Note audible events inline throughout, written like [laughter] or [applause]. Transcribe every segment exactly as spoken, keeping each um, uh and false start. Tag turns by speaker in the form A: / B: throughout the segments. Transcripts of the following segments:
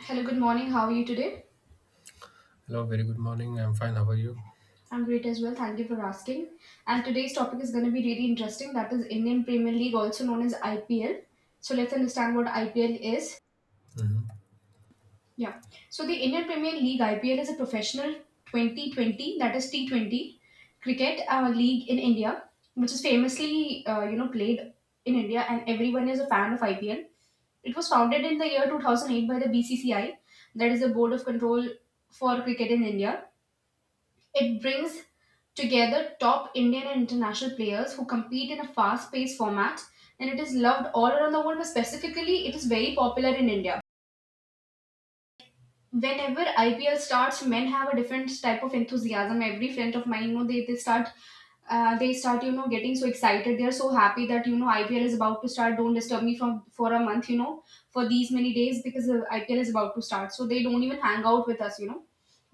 A: Hello, good morning. How are you today?
B: Hello, very good morning. I'm fine. How are you?
A: I'm great as well. Thank you for asking. And today's topic is going to be really interesting. That is Indian Premier League, also known as I P L. So let's understand what I P L is.
B: Hmm.
A: Yeah. So the Indian Premier League I P L is a professional twenty twenty, that is T twenty cricket uh, league in India, which is famously uh, you know played in India, and everyone is a fan of I P L. It was founded in the year two thousand eight by the B C C I, that is the Board of Control for Cricket in India. It brings together top Indian and international players who compete in a fast paced format, and it is loved all around the world, but specifically, it is very popular in India. Whenever I P L starts, men have a different type of enthusiasm. Every friend of mine, you know, they, they start uh, they start, you know, getting so excited. They're so happy that, you know, I P L is about to start. Don't disturb me from for a month, you know, for these many days because uh, I P L is about to start. So they don't even hang out with us, you know,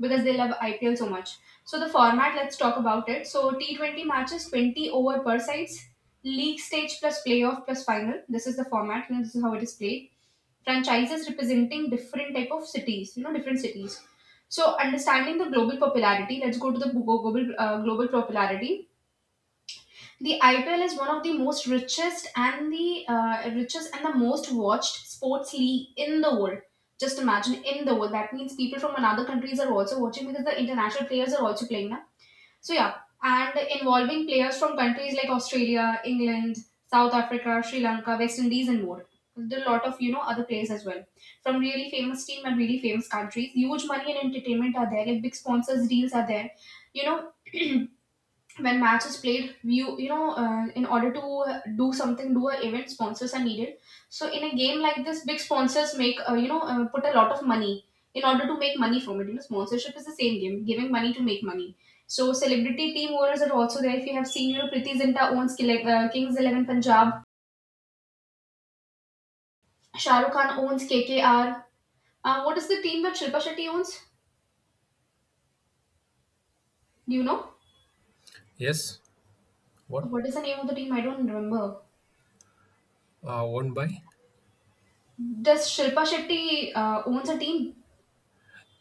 A: because they love I P L so much. So the format, let's talk about it. So T twenty matches, twenty over per sides, league stage plus playoff plus final. This is the format, and this is how it is played. Franchises representing different type of cities, you know, different cities. So understanding the global popularity, let's go to the go- global uh, global popularity. The IPL is one of the most richest and the uh, richest and the most watched sports league in the world. Just imagine, in the world, that means people from another countries are also watching because the international players are also playing now. So yeah, and involving players from countries like Australia, England, South Africa, Sri Lanka, West Indies, and more. There are a lot of, you know, other players as well from really famous team and really famous countries. Huge money and entertainment are there. Like, big sponsors deals are there. You know, when match is played, you you know, uh, in order to do something, do a event, sponsors are needed. So in a game like this, big sponsors make, uh, you know, uh, put a lot of money in order to make money from it. You know, sponsorship is the same game: giving money to make money. So celebrity team owners are also there. If you have seen, you know, Priti Zinta owns Kile- uh, Kings eleven Punjab. Shah Rukh Khan owns K K R. Uh, what is the team that Shilpa Shetty owns? Do you know?
B: Yes. What?
A: What is the name of the team? I don't remember.
B: Uh, won by?
A: Does Shilpa Shetty uh, owns a team?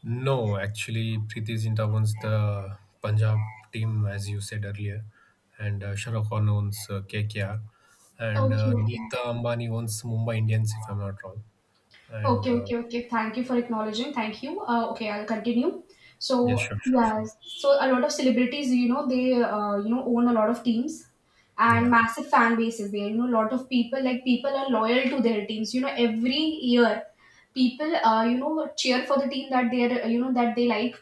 B: No, actually, Preeti Zinta owns the Punjab team, as you said earlier, and uh, Shahrukh Khan owns uh, K K R, and
A: Okay,
B: uh,
A: okay.
B: Neeta Ambani owns Mumbai Indians, if I'm not wrong. And
A: Okay,
B: uh,
A: okay, okay. Thank you for acknowledging. Thank you. Uh, okay, I'll continue.
B: yeah,
A: So,
B: sure, sure, sure.
A: yes, so a lot of celebrities, you know, they, uh, you know, own a lot of teams and
B: Yeah.
A: massive fan bases. There, you know, a lot of people, like, people are loyal to their teams. You know, every year, people, uh, you know, cheer for the team that they're, you know, that they like.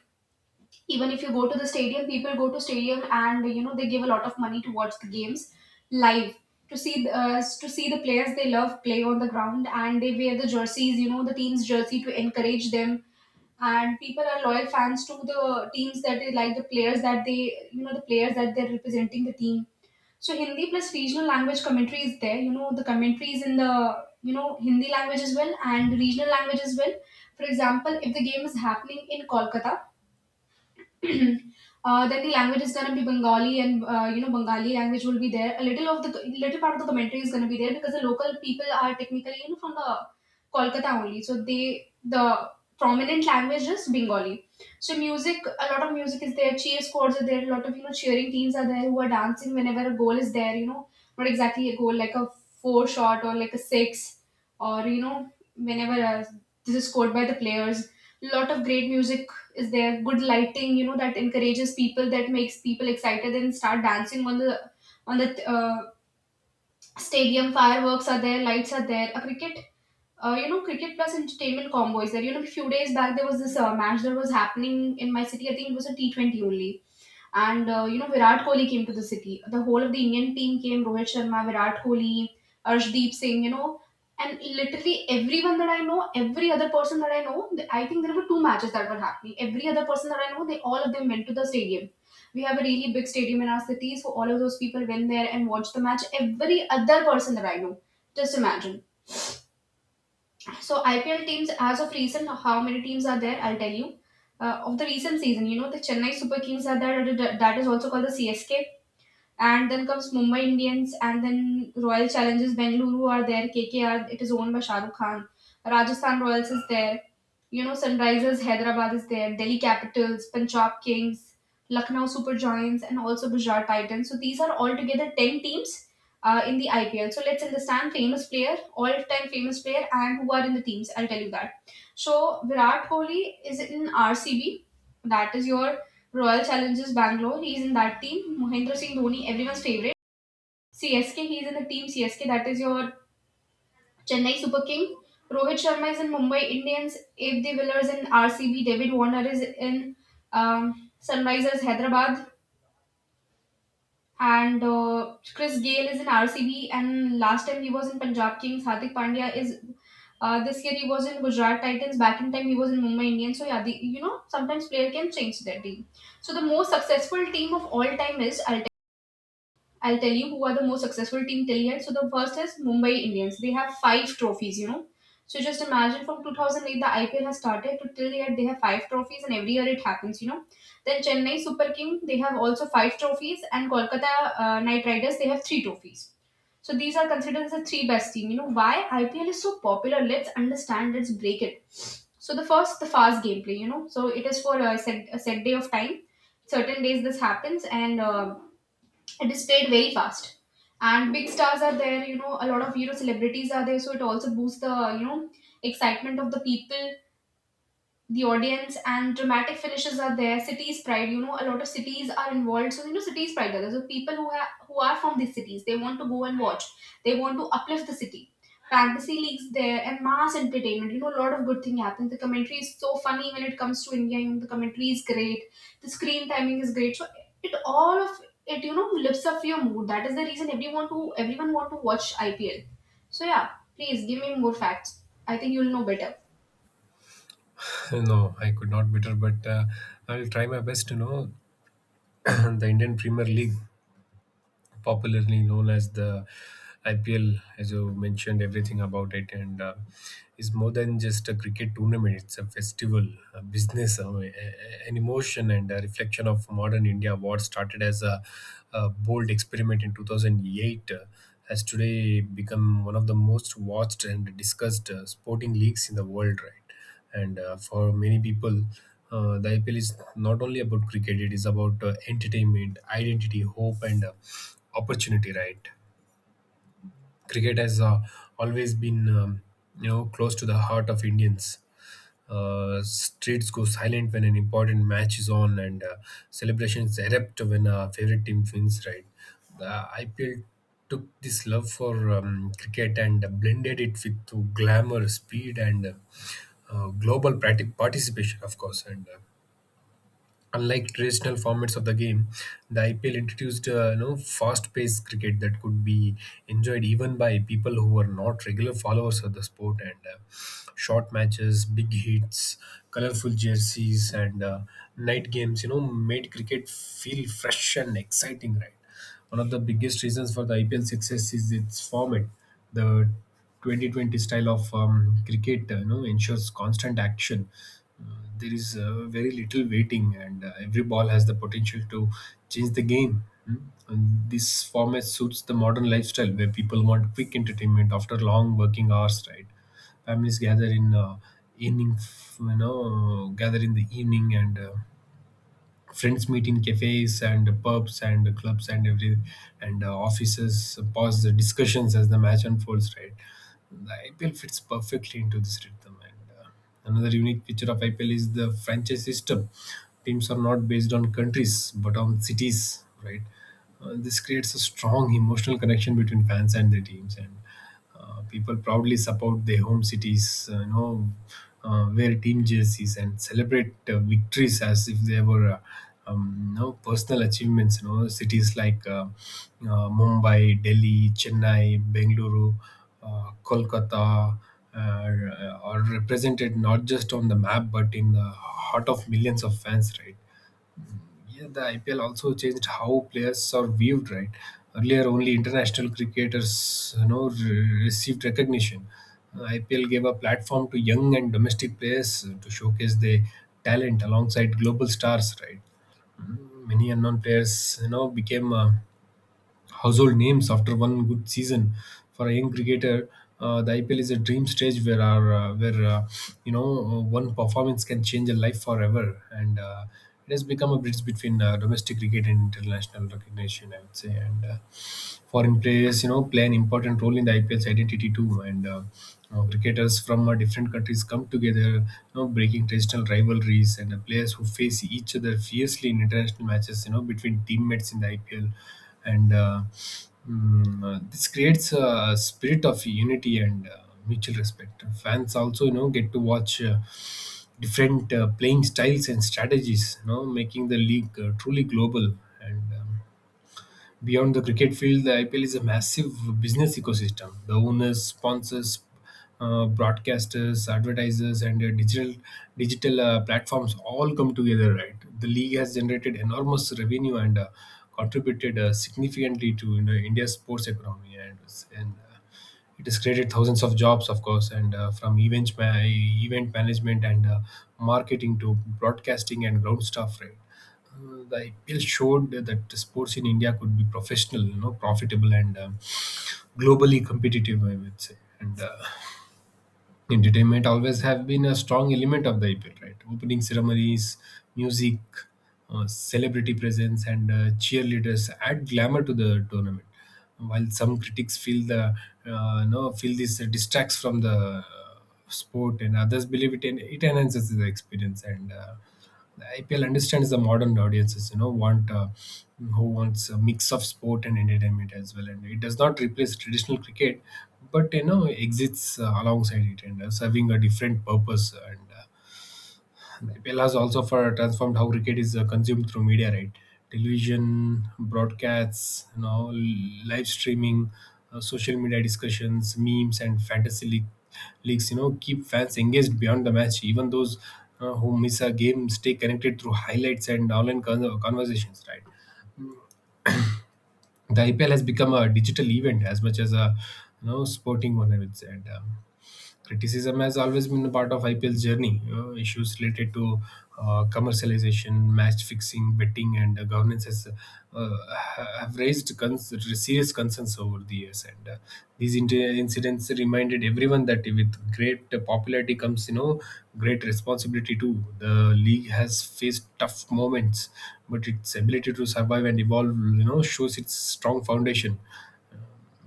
A: Even if you go to the stadium, people go to stadium, and, you know, they give a lot of money to watch the games live, to see uh, to see the players they love play on the ground, and they wear the jerseys, you know, the team's jersey to encourage them. And people are loyal fans to the teams that they like, the players that they you know the players that they're representing the team. So Hindi plus regional language commentary is there. You know, the commentary is in the, you know, Hindi language as well and regional language as well. For example, if the game is happening in Kolkata, [clears throat] uh, then the language is going to be Bengali, and, uh, you know, Bengali language will be there. A little of the little part of the commentary is going to be there because the local people are technically, you know, from the Kolkata only, so they the prominent language is Bengali. So music, a lot of music is there. Cheer squads are there. A lot of, you know, cheering teams are there who are dancing whenever a goal is there. You know, not exactly a goal, like a four shot or like a six or, you know, whenever a, this is scored by the players. A lot of great music is there, good lighting, you know, that encourages people, that makes people excited and start dancing on the on the uh, stadium. Fireworks are there, lights are there, a cricket uh, you know, cricket plus entertainment combo is there. You know, a few days back there was this uh, match that was happening in my city. I think it was a T twenty only, and, uh, you know, Virat Kohli came to the city. The whole of the Indian team came: Rohit Sharma, Virat Kohli, Arshdeep Singh. You know, and literally everyone that I know, every other person that I know, th- I think there were two matches that were happening. Every other person that I know, they, all of them went to the stadium. We have a really big stadium in our city, so all of those people went there and watched the match. Every other person that I know, just imagine. So I P L teams, as of recent, how many teams are there? I'll tell you. Uh, of the recent season, you know, the Chennai Super Kings are there, that is also called the C S K. And then comes Mumbai Indians, and then Royal Challengers Bengaluru are there. K K R, it is owned by Shah Rukh Khan. Rajasthan Royals is there. You know, Sunrisers Hyderabad is there. Delhi Capitals, Punjab Kings, Lucknow Super Giants, and also Gujarat Titans. So these are altogether ten teams uh, in the I P L. So let's understand famous player, all-time famous player, and who are in the teams. I'll tell you that. So Virat Kohli is in R C B. That is your Royal Challengers Bangalore. He is in that team. Mahendra Singh Dhoni, everyone's favorite. C S K, he is in the team C S K, that is your Chennai Super King. Rohit Sharma is in Mumbai Indians, Abe De Villiers in R C B, David Warner is in um, Sunrisers Hyderabad, and uh, Chris Gayle is in R C B. And last time he was in Punjab Kings. Hardik Pandya is, uh, this year he was in Gujarat Titans. Back in time he was in Mumbai Indians. So yeah, the, you know sometimes player can change their team. So the most successful team of all time is, I'll tell you who are the most successful team till yet. So the first is Mumbai Indians. They have five trophies, you know. So just imagine, from two thousand eight the I P L has started to till yet, they have five trophies, and every year it happens, you know. Then Chennai Super King, they have also five trophies, and Kolkata uh, Knight Riders, they have three trophies. So these are considered as the three best team. You know why I P L is so popular? Let's understand. Let's break it. So the first, the fast gameplay. You know, so it is for a set, a set day of time. Certain days this happens, and uh, it is played very fast. And big stars are there, you know, a lot of, you know, celebrities are there, so it also boosts the, you know, excitement of the people, the audience. And dramatic finishes are there. Cities pride, you know, a lot of cities are involved, so, you know, cities pride are there. So people who have, who are from these cities, they want to go and watch. They want to uplift the city. Fantasy leagues there, and mass entertainment, you know, a lot of good thing happens. The commentary is so funny when it comes to India. You know, the commentary is great, the screen timing is great. So it, all of it, you know, lifts up your mood. That is the reason everyone, to everyone want to watch IPL. So yeah, please give me more facts. I think you'll know better.
B: [laughs] No, I could not better, but uh, I'll try my best to know [clears throat] the Indian Premier League, popularly known as the I P L, as you mentioned, everything about it, and uh, is more than just a cricket tournament. It's a festival, a business, uh, a- a- an emotion, and a reflection of modern India. What started as a, a bold experiment in two thousand eight uh, has today become one of the most watched and discussed uh, sporting leagues in the world, right? And uh, For many people, uh, the I P L is not only about cricket; it is about uh, entertainment, identity, hope, and uh, opportunity, right? Cricket has uh, always been um, you know close to the heart of Indians. Uh, streets go silent when an important match is on, and uh, celebrations erupt when a favorite team wins. Right, the I P L took this love for um, cricket and blended it with to glamour, speed, and uh, global practic- participation, of course, and. Uh, unlike traditional formats of the game, the I P L introduced uh, you know fast-paced cricket that could be enjoyed even by people who were not regular followers of the sport. And uh, Short matches, big hits, colorful jerseys, and uh, night games, you know, made cricket feel fresh and exciting. Right. One of the biggest reasons for the I P L success is its format. The twenty twenty style of um, cricket uh, you know, ensures constant action. Uh, there is uh, very little waiting, and uh, every ball has the potential to change the game. Hmm? And this format suits the modern lifestyle where people want quick entertainment after long working hours. Right, families gather in uh, evening, f- you know, gather in the evening and. Uh, friends meet in cafes and pubs and clubs and every and uh, offices pause the discussions as the match unfolds, right? The IPL fits perfectly into this rhythm, and uh, another unique feature of IPL is the franchise system. Teams are not based on countries but on cities, right? Uh, this creates a strong emotional connection between fans and their teams, and uh, people proudly support their home cities, uh, you know, uh, wear team jerseys and celebrate uh, victories as if they were uh, um, you know, personal achievements. You know, cities like uh, uh, Mumbai, Delhi, Chennai, Bengaluru, uh, Kolkata are, are represented not just on the map but in the heart of millions of fans, right? Yeah, the I P L also changed how players are viewed, right? Earlier, only international cricketers, you know, re- received recognition. Uh, I P L gave a platform to young and domestic players uh, to showcase their talent alongside global stars, right? Many unknown players, you know, became uh, household names after one good season for a young cricketer. Uh, the I P L is a dream stage where our, uh, where uh, you know uh, one performance can change a life forever, and uh, it has become a bridge between uh, domestic cricket and international recognition, I would say. And uh, Foreign players, you know, play an important role in the I P L's identity too. And uh, uh, Cricketers from uh, different countries come together, you know, breaking traditional rivalries. And the players who face each other fiercely in international matches, you know, between teammates in the I P L. And uh, mm, uh, this creates a spirit of unity and uh, mutual respect. Fans also, you know, get to watch. Uh, different uh, playing styles and strategies you know making the league uh, truly global, and um, Beyond the cricket field, the I P L is a massive business ecosystem. The owners, sponsors, uh, broadcasters, advertisers, and uh, digital digital uh, platforms all come together. Right, the league has generated enormous revenue and uh, contributed uh, significantly to you know, India's sports economy, and and uh, it has created thousands of jobs, of course, and uh, from event ma- event management and uh, marketing to broadcasting and ground staff. Right. Uh, the I P L showed that the sports in India could be professional, you know, profitable and um, globally competitive, I would say. And uh, entertainment always have been a strong element of the I P L. Right, opening ceremonies, music, uh, celebrity presence, and uh, cheerleaders add glamour to the tournament. While some critics feel the uh, no feel this distracts from the uh, sport, and others believe it en- it enhances the experience and. Uh, the I P L understands the modern audiences you know, want uh, who wants a mix of sport and entertainment as well, and it does not replace traditional cricket, but you know, exists uh, alongside it and uh, serving a different purpose and. Uh, Pellas also for transformed how cricket is uh, consumed through media, right? Television, broadcasts, you know, l- live streaming, uh, social media discussions, memes, and fantasy league, leagues. You know, keep fans engaged beyond the match. Even those uh, who miss a game stay connected through highlights and online con- conversations, right? The I P L has become a digital event as much as a you know sporting one, I would say. And um, criticism has always been a part of I P L's journey. Uh, issues related to uh, commercialization, match fixing, betting, and uh, governance has, uh, ha- have raised cons- serious concerns over the years. And uh, these inter- incidents reminded everyone that with great popularity comes, you know, great responsibility too. The league has faced tough moments, but its ability to survive and evolve, you know, shows its strong foundation,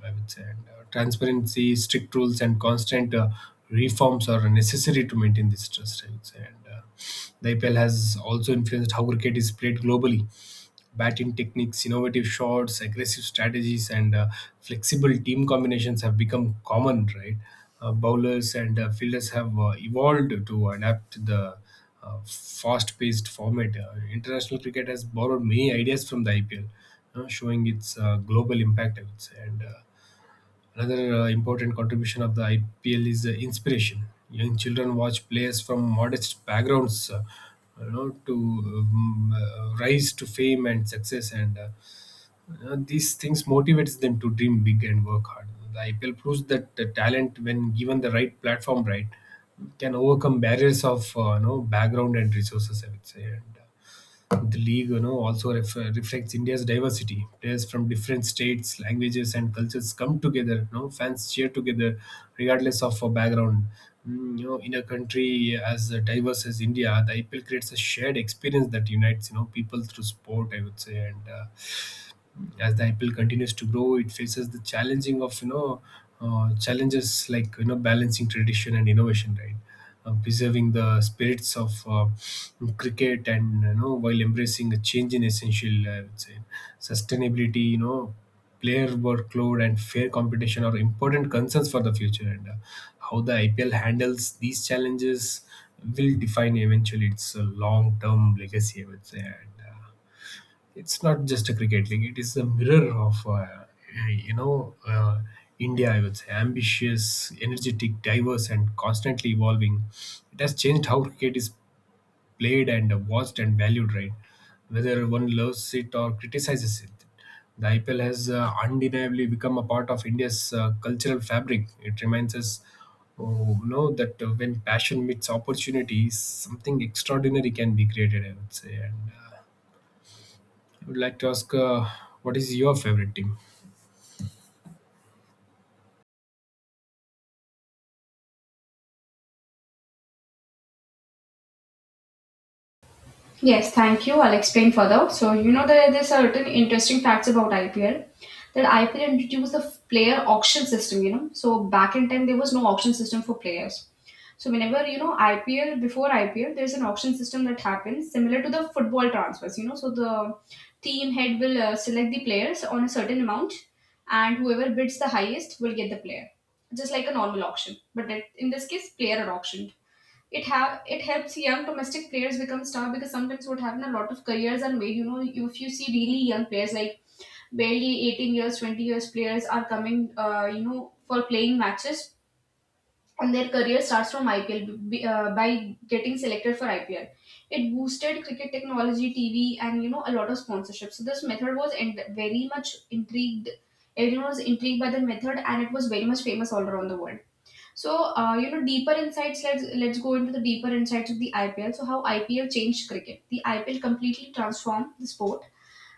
B: I would say. And uh, transparency, strict rules, and constant uh, reforms are necessary to maintain this trust, I would say. And uh, the I P L has also influenced how cricket is played globally. Batting techniques, innovative shots, aggressive strategies, and uh, flexible team combinations have become common. Right. Uh, bowlers and uh, fielders have uh, evolved to adapt to the uh, fast-paced format. Uh, international cricket has borrowed many ideas from the I P L, uh, showing its uh, global impact, I would say. And uh, another uh, important contribution of the I P L is uh, inspiration. Young children watch players from modest backgrounds, uh, you know, to um, uh, rise to fame and success, and uh, you know, these things motivates them to dream big and work hard. The I P L proves that the talent, when given the right platform, right, can overcome barriers of uh, you know background and resources, I would say. And uh, the league, you know, also ref- reflects India's diversity. Players from different states, languages, and cultures come together. You know, fans cheer together, regardless of a background. Mm, you know, in a country as diverse as India, the I P L creates a shared experience that unites you know people through sport, I would say. And uh, as the I P L continues to grow, it faces the challenging of you know uh, challenges like you know balancing tradition and innovation, right? Uh, preserving the spirits of uh, cricket and you know while embracing a change in essential, I would say. Sustainability, you know, player workload and fair competition are important concerns for the future, and uh, how the I P L handles these challenges will define eventually its uh, long-term legacy, I would say. And uh, it's not just a cricket league; it is a mirror of uh, you know uh, India, I would say, ambitious, energetic, diverse, and constantly evolving. It has changed how cricket is played and watched and valued, right? Whether one loves it or criticizes it, the IPL has uh, undeniably become a part of India's uh, cultural fabric. It reminds us, oh, you know that uh, when passion meets opportunity, something extraordinary can be created, I would say. And uh, I would like to ask, uh, what is your favorite team?
A: Yes, thank you. I'll explain further. So, you know that there's certain interesting facts about I P L. That I P L introduced the player auction system, you know. So back in time there was no auction system for players. So whenever, you know, I P L, before I P L, there's an auction system that happens similar to the football transfers, you know. So the team head will uh, select the players on a certain amount, and whoever bids the highest will get the player. Just like a normal auction. But that- in this case, player auction it have it helps young domestic players become star, because sometimes what happen, a lot of careers are made. You know if you see really young players like barely eighteen years, twenty years players are coming, uh, you know for playing matches, and their career starts from ipl uh, by getting selected for ipl. It boosted cricket, technology, tv, and you know a lot of sponsorship. So this method was— and very much intrigued— everyone was intrigued by the method, and it was very much famous all around the world. So, uh, you know, deeper insights. Let's let's go into the deeper insights of the I P L. So, how I P L changed cricket? The I P L completely transformed the sport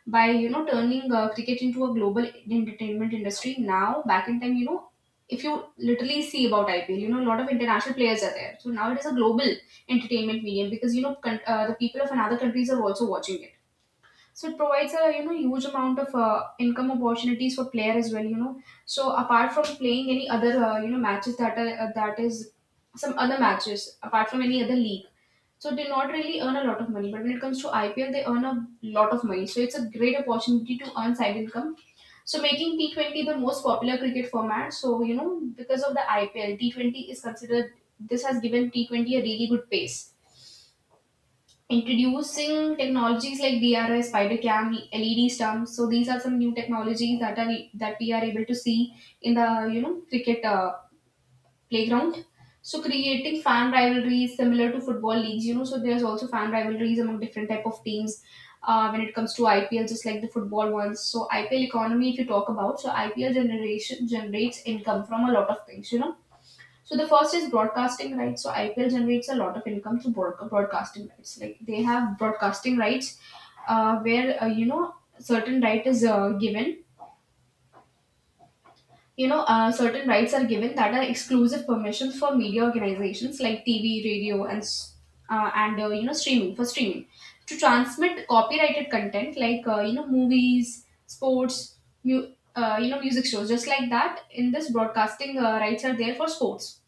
A: by you know turning uh, cricket into a global entertainment industry. Now, back in time, you know, if you literally see about I P L, you know, a lot of international players are there. So now it is a global entertainment medium, because you know con- uh, the people of another countries are also watching it. So it provides a you know huge amount of uh, income opportunities for player as well. You know, so apart from playing any other, uh, you know matches that are uh, that is some other matches apart from any other league. So they not really earn a lot of money, but when it comes to I P L, they earn a lot of money. So it's a great opportunity to earn side income. So making T twenty the most popular cricket format. So, you know because of the I P L, T twenty is considered. This has given T twenty a really good pace, introducing technologies like D R I, spider cam, L E D stumps. So these are some new technologies that are that we are able to see in the you know cricket uh, playground. So creating fan rivalries similar to football leagues, you know. So there's also fan rivalries among different type of teams. Uh, when it comes to I P L, just like the football ones. So I P L economy, if you talk about, so I P L generation generates income from a lot of things, you know so the first is broadcasting rights. So I P L generates a lot of income through broad- broadcasting rights. Like they have broadcasting rights, uh, where uh, you know certain right is uh, given. You know, uh, certain rights are given, that are exclusive permissions for media organizations like T V, radio, and s- uh, and uh, you know streaming— for streaming to transmit copyrighted content like uh, you know movies, sports, mu- uh, you know music shows, just like that. In this, broadcasting uh, rights are there for sports,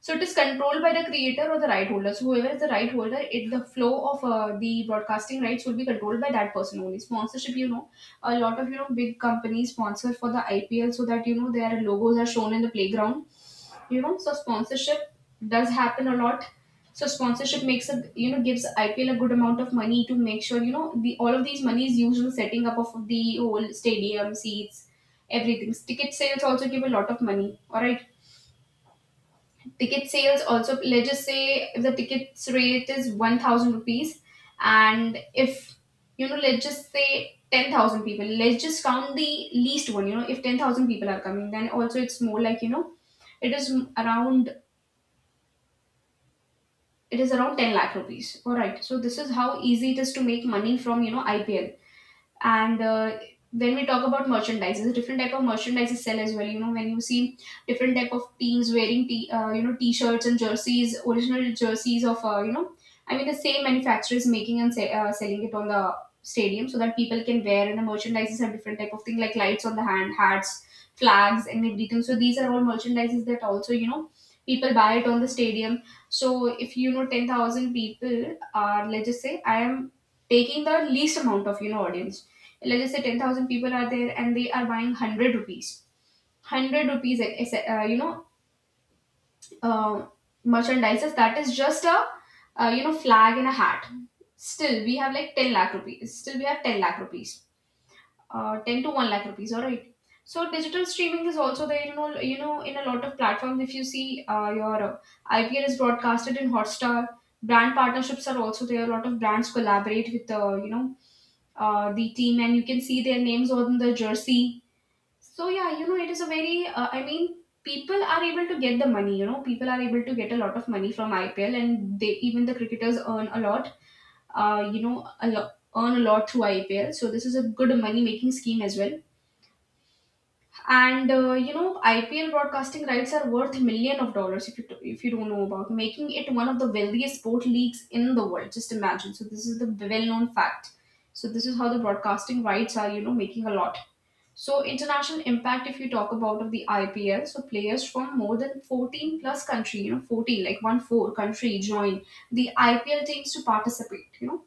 A: so it is controlled by the creator or the right holder. So whoever is the right holder, it the flow of uh, the broadcasting rights will be controlled by that person only. Sponsorship, you know, a lot of you know big companies sponsor for the I P L so that you know their logos are shown in the playground. You know, so sponsorship does happen a lot. So sponsorship makes a you know gives I P L a good amount of money to make sure you know the all of these money is used in setting up of the whole stadium seats, everything. Ticket sales also give a lot of money. All right, ticket sales also— let's just say if the tickets rate is one thousand rupees, and if you know let's just say ten thousand people, let's just count the least one, you know if ten thousand people are coming, then also it's more like you know it is m- around it is around ten lakh rupees. All right, so this is how easy it is to make money from you know ipl. And uh, when we talk about merchandises, different type of merchandises sell as well, you know when you see different type of teams wearing t- uh, you know t-shirts and jerseys, original jerseys of uh, you know i mean the same manufacturers making and se- uh, selling it on the stadium so that people can wear. And the merchandises are different type of thing, like lights on the hand, hats, flags, and everything. So these are all merchandises that also you know people buy it on the stadium. So if you know ten thousand people are— let's just say I am taking the least amount of you know audience— let's just say ten thousand people are there and they are buying one hundred rupees. one hundred rupees, eh, eh, eh, uh, you know, uh, merchandises, that is just a uh, you know, flag and a hat. Still, we have like ten lakh rupees. Still, we have ten lakh rupees. Uh, ten to one lakh rupees, alright. So digital streaming is also there, you know, you know, in a lot of platforms. If you see, uh, your uh, I P L is broadcasted in Hotstar. Brand partnerships are also there. A lot of brands collaborate with, uh, you know, uh, the team, and you can see their names on the jersey. So yeah, you know, it is a very— Uh, I mean, people are able to get the money. You know, people are able to get a lot of money from I P L, and they— even the cricketers earn a lot. Uh, you know, a lot earn a lot through I P L. So this is a good money making scheme as well. And uh, you know, I P L broadcasting rights are worth million of dollars, if you if you don't know about, making it one of the wealthiest sport leagues in the world. Just imagine. So this is the well known fact. So this is how the broadcasting rights are, You know, making a lot. So international impact, if you talk about of the I P L, so players from more than fourteen plus country, you know, fourteen— like one four country— join the I P L teams to participate, you know,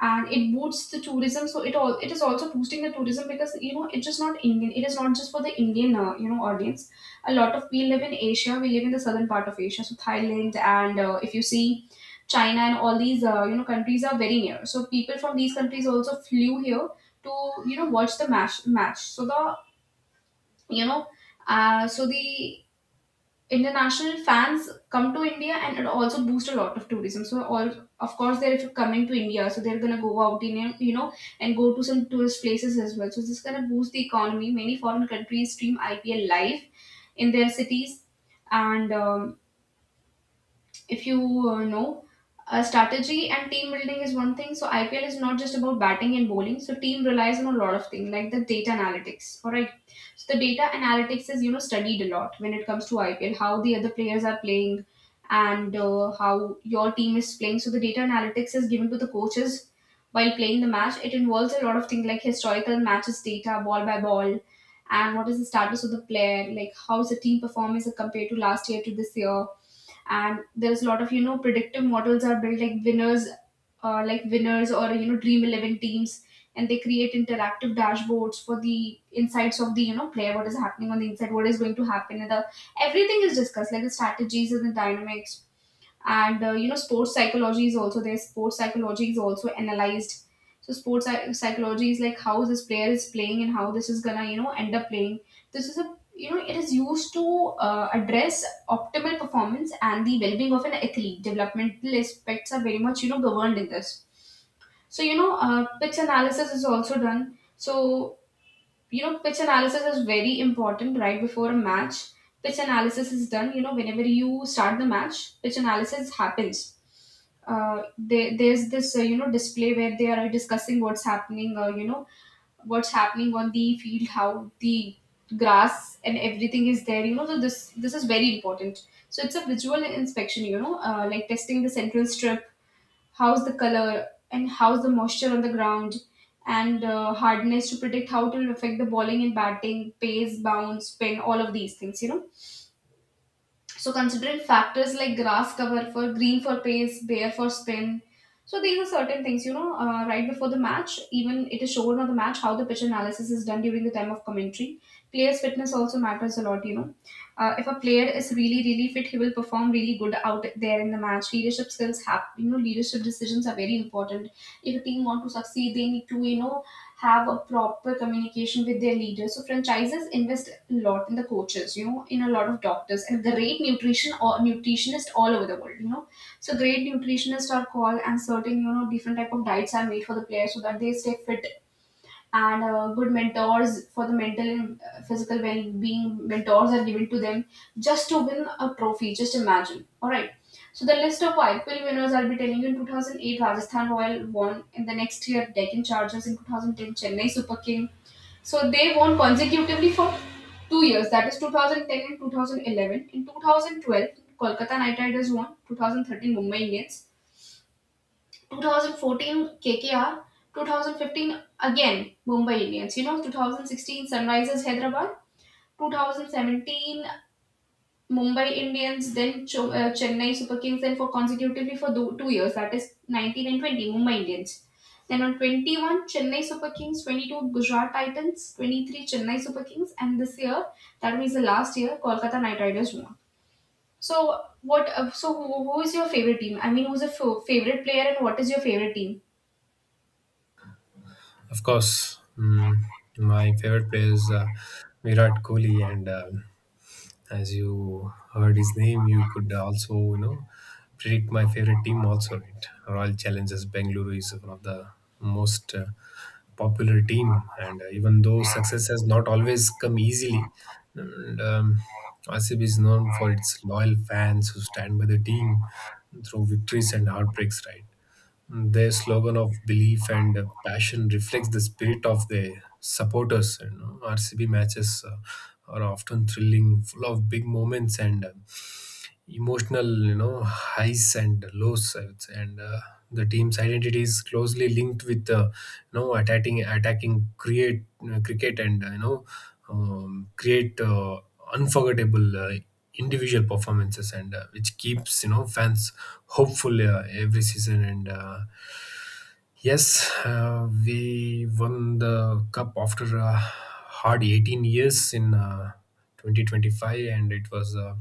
A: and it boosts the tourism. So it— all— it is also boosting the tourism, because you know it's just not Indian. It is not just for the Indian, uh, you know, audience. A lot of— we live in Asia. We live in the southern part of Asia, so Thailand and uh, if you see— China and all these uh, you know countries are very near. So people from these countries also flew here to you know watch the match match. So the— you know uh, so the international fans come to india, and it also boosts a lot of tourism. So all— of course they're— if coming to india, so they're gonna go out in a- you know and go to some tourist places as well. So this is gonna boost the economy. Many foreign countries stream ipl live in their cities. And um, if you uh, know, uh, strategy and team building is one thing. So I P L is not just about batting and bowling. So team relies on a lot of things like the data analytics. All right. So the data analytics is you know studied a lot when it comes to I P L— how the other players are playing, and uh, how your team is playing. So the data analytics is given to the coaches while playing the match. It involves a lot of things like historical matches data, ball by ball, and what is the status of the player, like how is the team performance compared to last year to this year. And there's a lot of you know predictive models are built, like winners— uh, like winners or you know dream eleven teams. And they create interactive dashboards for the insights of the you know player— what is happening on the inside, what is going to happen, and the everything is discussed, like the strategies and the dynamics. And uh, you know sports psychology is also there. Sports psychology is also analyzed. So sports psy- psychology is like how this player is playing and how this is gonna you know end up playing. This is a— you know it is used to uh, address optimal performance and the well-being of an athlete. Developmental aspects are very much you know governed in this. So you know uh, pitch analysis is also done. So you know pitch analysis is very important right before a match. Pitch analysis is done, you know whenever you start the match, pitch analysis happens. Uh, there, there's this uh, you know display where they are discussing what's happening, uh, you know what's happening on the field, how the grass and everything is there, you know so this this is very important. So it's a visual inspection, you know uh, like testing the central strip, how's the color and how's the moisture on the ground, and uh, hardness, to predict how it will affect the bowling and batting pace, bounce, spin— all of these things, you know so considering factors like grass cover for green for pace, bare for spin. So these are certain things, you know, uh, right before the match. Even it is shown on the match how the pitch analysis is done during the time of commentary. Player's fitness also matters a lot, you know. Uh, if a player is really, really fit, he will perform really good out there in the match. Leadership skills have— you know, leadership decisions are very important. If a team want to succeed, they need to, you know, have a proper communication with their leaders. So franchises invest a lot in the coaches, you know, in a lot of doctors and great nutrition, or nutritionists all over the world, you know. So great nutritionists are called, and certain, you know, different type of diets are made for the players so that they stay fit. And uh, good mentors for the mental and uh, physical well-being, mentors are given to them just to win a trophy. Just imagine. All right. So the list of I P L winners I'll be telling you. In two thousand eight, Rajasthan Royal won. In the next year, Deccan Chargers. In twenty ten, Chennai Super King. So they won consecutively for two years, that is two thousand ten and two thousand eleven. In two thousand twelve, Kolkata Knight Riders won. twenty thirteen, Mumbai Indians. twenty fourteen, K K R. twenty fifteen, again Mumbai Indians. You know, twenty sixteen, Sunrisers Hyderabad. twenty seventeen, Mumbai Indians. Then Cho- uh, Chennai Super Kings. And for consecutively for do- two years, that is nineteen and twenty, Mumbai Indians. Then on twenty one, Chennai Super Kings, twenty two Gujarat Titans, twenty three Chennai Super Kings. And this year— that means the last year— Kolkata Knight Riders won. So what? Uh, so who, who is your favorite team? I mean, who's a f- favorite player, and what is your favorite team?
B: Of course. Mm, my favorite player is uh, Virat Kohli, and uh, as you heard his name, you could also you know predict my favorite team also. Right? Royal Challengers Bengaluru is one of the most uh, popular team, and uh, even though success has not always come easily, and, um, R C B is known for its loyal fans who stand by the team through victories and heartbreaks. Right? Their slogan of belief and uh, passion reflects the spirit of their supporters. You know, R C B matches uh, are often thrilling, full of big moments and uh, emotional, you know, highs and lows, I would say. And uh, the team's identity is closely linked with uh, you know, attacking, attacking, create uh, cricket, and uh, you know, um, create uh, unforgettable uh, individual performances, and uh, which keeps you know fans hopeful uh, every season and. Uh, Yes, uh, we won the cup after a hard eighteen years in uh, twenty twenty-five, and it was a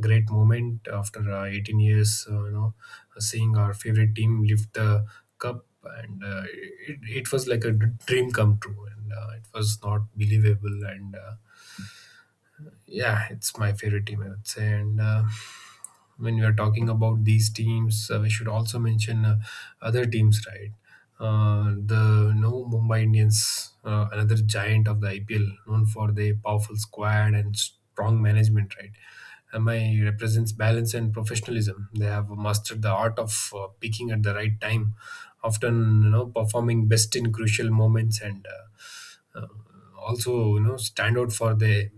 B: great moment after uh, eighteen years. Uh, you know, seeing our favorite team lift the cup, and uh, it, it was like a d- dream come true, and uh, it was not believable. And. Uh, yeah, it's my favorite team, I would say. And uh, when we are talking about these teams, uh, we should also mention uh, other teams, right? Uh, the no Mumbai Indians, uh, another giant of the I P L, known for their powerful squad and strong management, right? M I represents balance and professionalism. They have mastered the art of uh, peaking at the right time, often you know performing best in crucial moments, and uh, uh, also you know stand out for the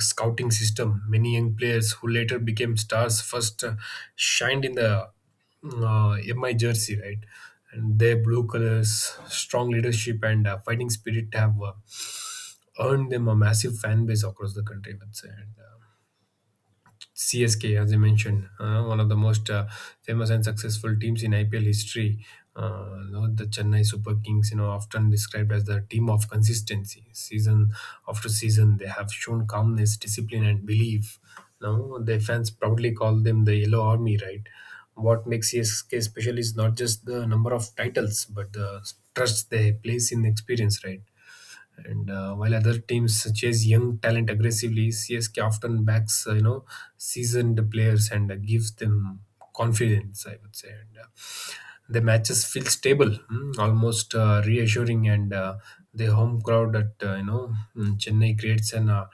B: scouting system. Many young players who later became stars first uh, shined in the uh, MI jersey, right? And their blue colors, strong leadership and uh, fighting spirit have uh, earned them a massive fan base across the country, I would say. and, uh, C S K, as I mentioned, uh, one of the most uh, famous and successful teams in I P L history. Uh, you know, the Chennai Super Kings, you know, often described as the team of consistency. Season after season, they have shown calmness, discipline, and belief. Now, their fans proudly call them the Yellow Army, right? What makes C S K special is not just the number of titles, but the trust they place in experience, right? And uh, while other teams chase young talent aggressively, C S K often backs uh, you know seasoned players and uh, gives them confidence, I would say. And uh, the matches feel stable, mm, almost uh, reassuring, and uh, the home crowd at uh, you know mm, Chennai creates an uh,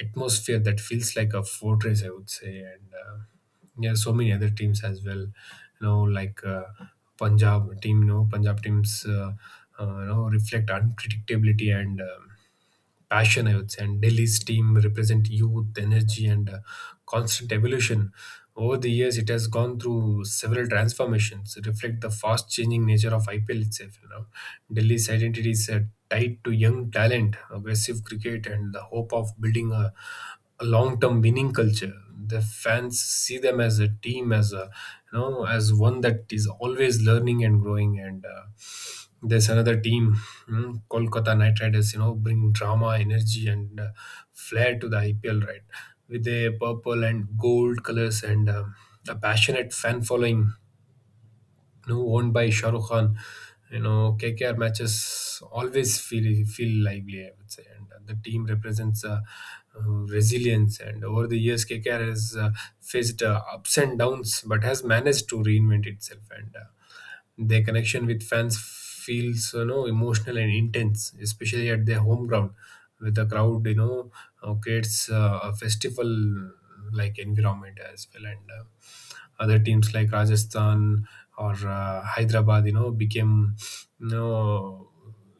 B: atmosphere that feels like a fortress, I would say. And uh, yeah, so many other teams as well. You know, like uh, Punjab team. You know, Punjab teams Uh, uh, you know, reflect unpredictability and Um, passion, I would say. And Delhi's team represent youth, energy, and uh, constant evolution. Over the years, it has gone through several transformations, reflect the fast changing nature of I P L itself. You know, Delhi's identity is uh, tied to young talent, aggressive cricket, and the hope of building a, a long-term winning culture. The fans see them as a team, as a you know, as one that is always learning and growing. And uh, there's another team, mm, Kolkata Knight Riders, you know, bring drama, energy, and uh, flair to the I P L, right? With their purple and gold colors and um a passionate fan following, you know, owned by Shah Rukh Khan, you know, K K R matches always feel feel lively, I would say, and uh, the team represents uh, uh, resilience. And over the years, K K R has uh, faced uh, ups and downs, but has managed to reinvent itself. And uh, their connection with fans feels you know emotional and intense, especially at their home ground, with the crowd you know uh, creates uh, a festival like environment as well. And uh, other teams like Rajasthan or uh, Hyderabad, you know, became you know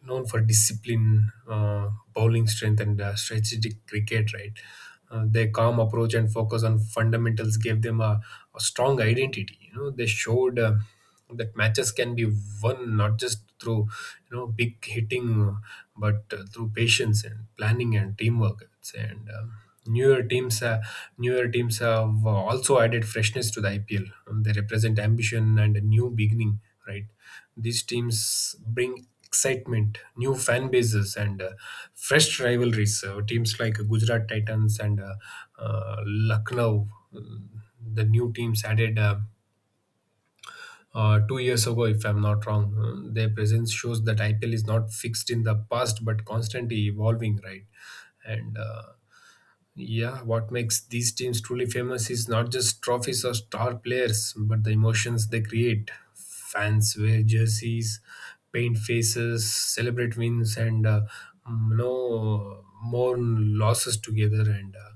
B: known for discipline, uh, bowling strength, and uh, strategic cricket. Right, uh, their calm approach and focus on fundamentals gave them a, a strong identity. You know, they showed Uh, that matches can be won not just through you know big hitting, but uh, through patience and planning and teamwork, I would say. and um, newer teams uh, newer teams have uh, also added freshness to the I P L. Um, they represent ambition and a new beginning, right? These teams bring excitement, new fan bases, and uh, fresh rivalries. Uh, teams like Gujarat Titans and uh, uh, Lucknow, uh, the new teams added uh, uh, two years ago, if I'm not wrong. Uh, Their presence shows that I P L is not fixed in the past but constantly evolving, right? And uh, yeah, what makes these teams truly famous is not just trophies or star players, but the emotions they create. Fans wear jerseys, paint faces, celebrate wins, and uh, mm, you mourn losses together. And uh,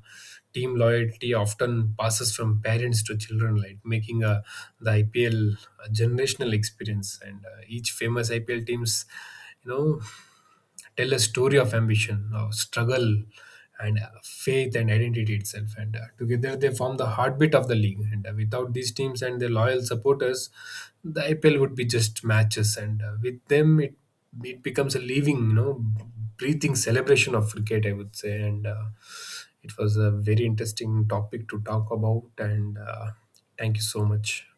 B: team loyalty often passes from parents to children, like making uh, the I P L generational experience. And uh, each famous I P L teams, you know, tell a story of ambition, of struggle, and uh, faith and identity itself. And uh, together they form the heartbeat of the league. And uh, without these teams and their loyal supporters, the I P L would be just matches. And uh, with them, it it becomes a living, you know, breathing celebration of cricket, I would say. And uh, it was a very interesting topic to talk about. And uh, thank you so much.